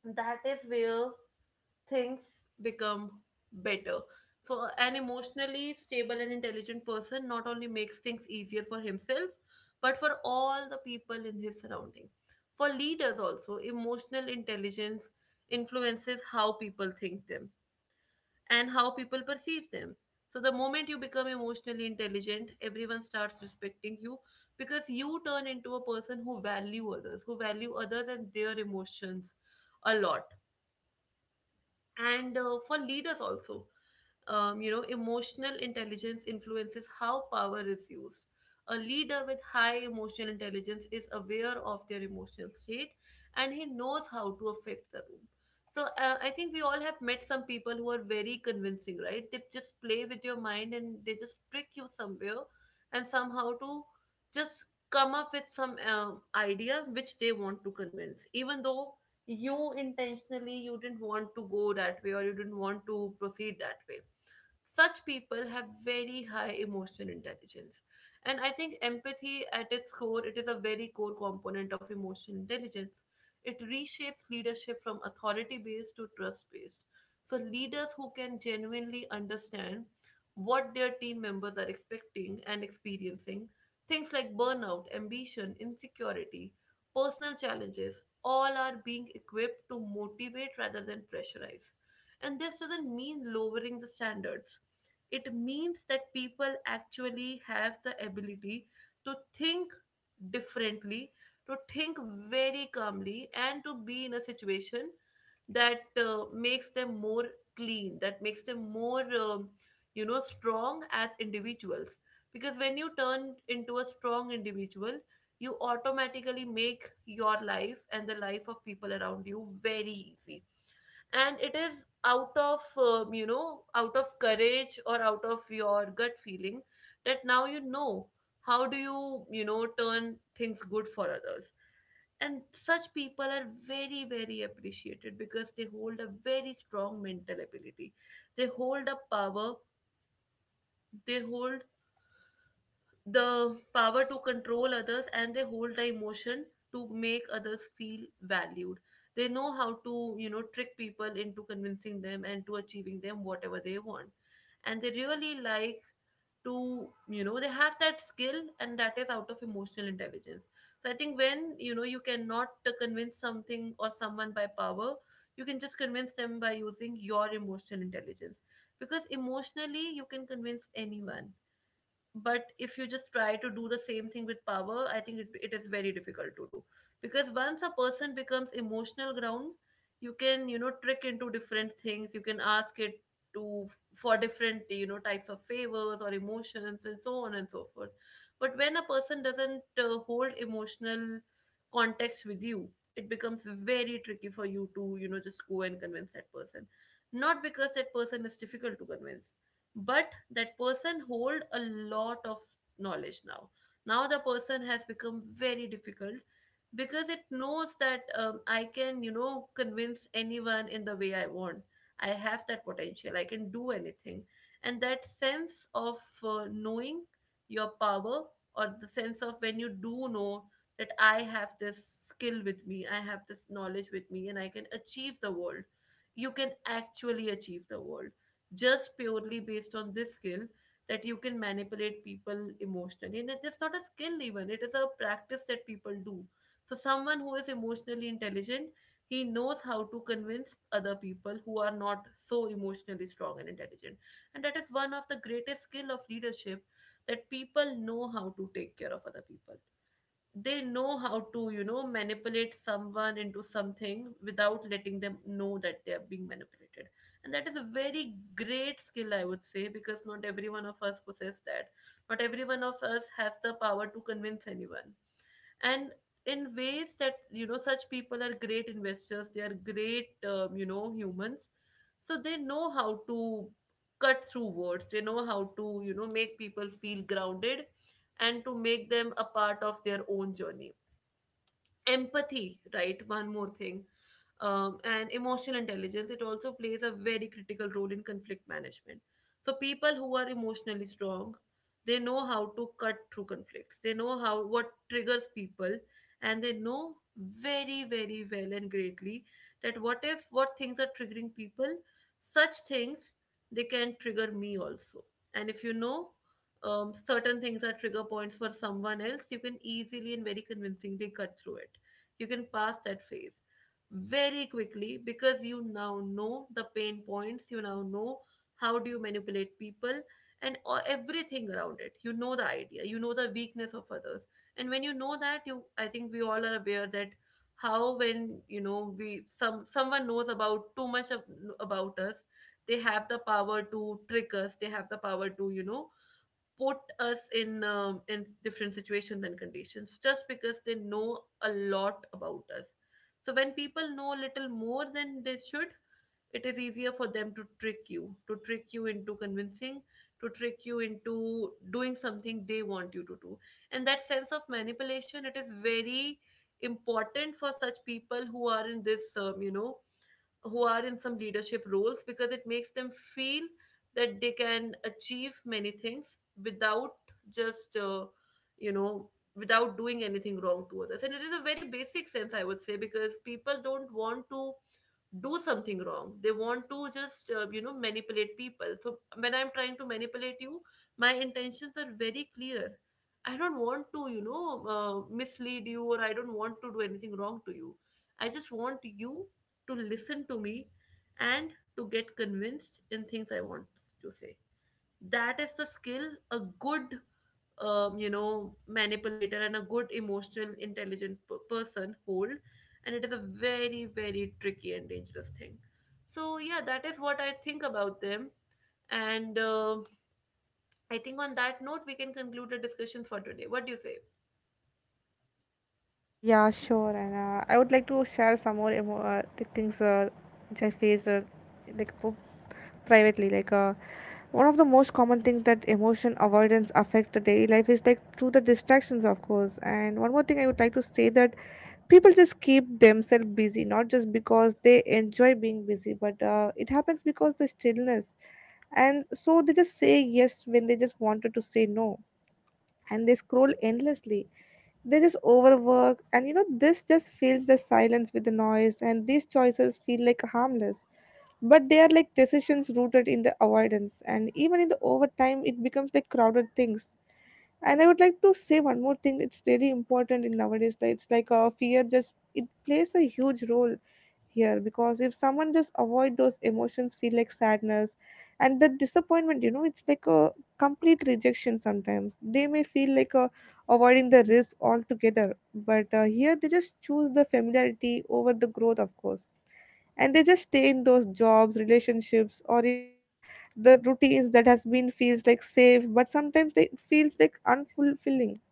A: that is where things become better. So, an emotionally stable and intelligent person not only makes things easier for himself, but for all the people in his surrounding. For leaders, also, emotional intelligence influences how people think and how people perceive them. So, the moment you become emotionally intelligent, everyone starts respecting you, because you turn into a person who value others and their emotions a lot. And for leaders also, emotional intelligence influences how power is used. A leader with high emotional intelligence is aware of their emotional state, and he knows how to affect the room. So I think we all have met some people who are very convincing, right? They just play with your mind, and they just trick you somewhere and somehow to just come up with some idea which they want to convince, even though you intentionally, you didn't want to go that way or you didn't want to proceed that way. Such people have very high emotional intelligence. And I think empathy, at its core, it is a very core component of emotional intelligence. It reshapes leadership from authority based to trust based. So, leaders who can genuinely understand what their team members are expecting and experiencing, things like burnout, ambition, insecurity, personal challenges, all are being equipped to motivate rather than pressurize. And this doesn't mean lowering the standards. It means that people actually have the ability to think differently, to think very calmly, and to be in a situation that makes them more clean, that makes them more, strong as individuals. Because when you turn into a strong individual, you automatically make your life and the life of people around you very easy, and it is out of out of courage or out of your gut feeling that now you know how do you, you know turn things good for others. And such people are very, very appreciated because they hold a very strong mental ability, they hold a power, they hold the power to control others, and they hold the emotion to make others feel valued. They know how to, trick people into convincing them and to achieving them whatever they want, and they really like to, they have that skill, and that is out of emotional intelligence. So I think when, you cannot convince something or someone by power, you can just convince them by using your emotional intelligence, because emotionally you can convince anyone. But if you just try to do the same thing with power, I think it is very difficult to do, because once a person becomes emotional ground, you can, trick into different things, you can ask it to for different, types of favors or emotions and so on and so forth. But when a person doesn't hold emotional context with you, it becomes very tricky for you to, just go and convince that person, not because that person is difficult to convince, but that person hold a lot of knowledge now. Now the person has become very difficult, because it knows that, I can, convince anyone in the way I want, I have that potential, I can do anything. And that sense of knowing your power, or the sense of when you do know that I have this skill with me, I have this knowledge with me, and I can achieve the world, you can actually achieve the world just purely based on this skill, that you can manipulate people emotionally. And it's just not a skill, even, it is a practice that people do. So, someone who is emotionally intelligent, he knows how to convince other people who are not so emotionally strong and intelligent. And that is one of the greatest skill of leadership, that people know how to take care of other people. They know how to manipulate someone into something without letting them know that they are being manipulated. And that is a very great skill, I would say, because not every one of us possess that. Not every one of us has the power to convince anyone. And in ways that such people are great investors. They are great humans. So they know how to cut through words. They know how to make people feel grounded, and to make them a part of their own journey. Empathy, right? One more thing, and emotional intelligence, it also plays a very critical role in conflict management. So people who are emotionally strong, they know how to cut through conflicts. They know how what triggers people, and they know very very well and greatly that what if what things are triggering people. Such things, they can trigger me also. And if certain things are trigger points for someone else, you can easily and very convincingly cut through it. You can pass that phase very quickly, because you now know the pain points. You now know how do you manipulate people and everything around it. You know the idea, you know the weakness of others. And when you know that, you I think we all are aware that how, when you know we some someone knows about too much about us, they have the power to trick us. They have the power to put us in different situations and conditions, just because they know a lot about us. So when people know a little more than they should, it is easier for them to trick you, to trick you into convincing, to trick you into doing something they want you to do. And that sense of manipulation, it is very important for such people who are in this, who are in some leadership roles, because it makes them feel that they can achieve many things without, just you know without doing anything wrong to others. And it is a very basic sense, I would say, because people don't want to do something wrong. They want to just manipulate people. So when I'm trying to manipulate you, my intentions are very clear. I don't want to mislead you, or I don't want to do anything wrong to you. I just want you to listen to me, and to get convinced in things I want to say. That is the skill a good, manipulator and a good emotional intelligent person hold, and it is a very very tricky and dangerous thing. So yeah, that is what I think about them. And I think on that note, we can conclude the discussion for today. What do you say?
B: Yeah, sure. And I would like to share some more things which I face like privately. One of the most common things that emotion avoidance affects the daily life is like through the distractions, of course. And one more thing I would like to say that people just keep themselves busy, not just because they enjoy being busy, but it happens because the stillness. And so they just say yes when they just wanted to say no, and they scroll endlessly, they just overwork, and you know this just fills the silence with the noise, and these choices feel like harmless but they are like decisions rooted in the avoidance and even in the overtime it becomes like crowded things. And I would like to say one more thing that's really important in nowadays. Like it's like a fear just it plays a huge role here because if someone just avoid those emotions, feel like sadness and the disappointment, you know, it's like a complete rejection sometimes. They may feel like a avoiding the risk altogether, but here they just choose the familiarity over the growth, of course, and they just stay in those jobs relationships or even the routines that has been feels like safe but sometimes they, it feels like unfulfilling.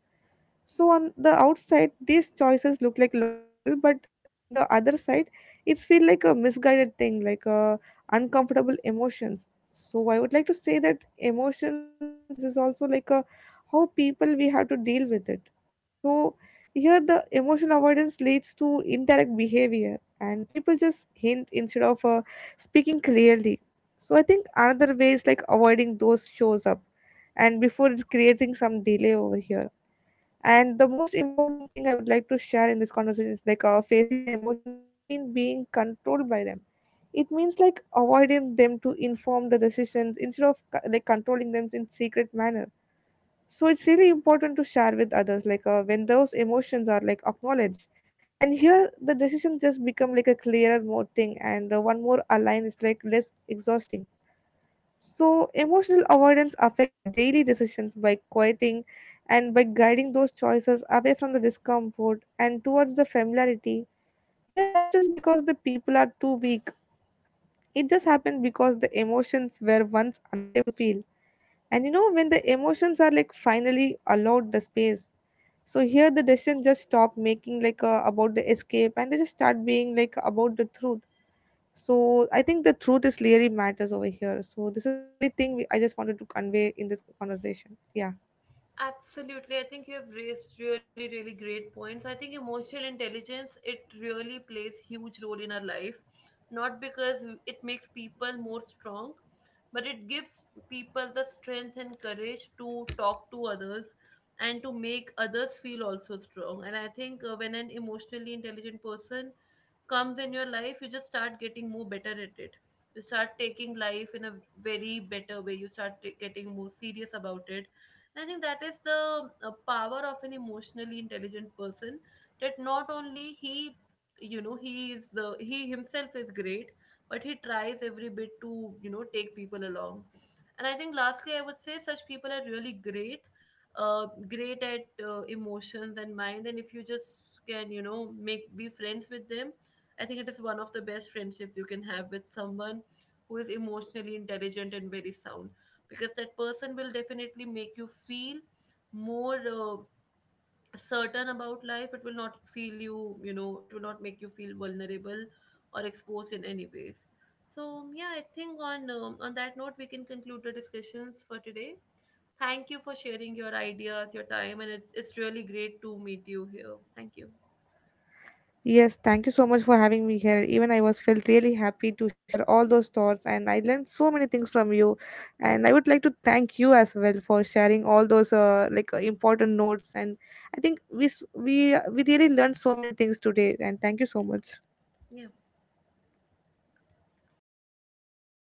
B: So on the outside these choices look like logical but in the other side it's feel like a misguided thing like a uncomfortable emotions. So I would like to say that emotions avoidance is also like a how people we have to deal with it. So here the emotion avoidance leads to indirect behavior and people just hint instead of speaking clearly. So I think another way is like avoiding those shows up and before it's creating some delay over here. And the most important thing I would like to share in this conversation is like facing the emotion doesn't mean being controlled by them. It means like avoiding them to inform the decisions instead of like controlling them in secret manner. So it's really important to share with others like when those emotions are like acknowledged. And here the decisions just become like a clearer more thing and one more align is like less exhausting. So, emotional avoidance affects daily decisions by quieting and by guiding those choices away from the discomfort and towards the familiarity. Here, not just because the people are too weak, it just happened because the emotions were once unsafe to feel. And you know, when the emotions are like finally allowed the space, so here the decision just stop making like about the escape and they just start being like about the truth. So I think the truth is really matters over here. So this is the only thing I just wanted to convey in this conversation. Yeah.
A: Absolutely. I think you have raised really, really great points. I think emotional intelligence, it really plays huge role in our life, not because it makes people more strong, but it gives people the strength and courage to talk to others and to make others feel also strong. And I think when an emotionally intelligent person comes in your life, you just start getting more better at it. You start taking life in a very better way. You start getting more serious about it. And I think that is the power of an emotionally intelligent person, that not only he, he is the he himself is great, but he tries every bit to take people along. And I think lastly I would say, such people are really great, uh, great at emotions and mind. And if you just can, make be friends with them, I think it is one of the best friendships you can have, with someone who is emotionally intelligent and very sound. Because that person will definitely make you feel more certain about life. It will not feel you, it will not make you feel vulnerable or exposed in any ways. So yeah, I think on on that note, we can conclude the discussions for today. Thank you for sharing your ideas, your time, and it's really great to meet you here. Thank you.
B: Yes, thank you so much for having me here. Even I was felt really happy to share all those thoughts and I learned so many things from you. And I would like to thank you as well for sharing all those important notes, and I think we s- we really learned so many things today, and thank you so much.
A: Yeah.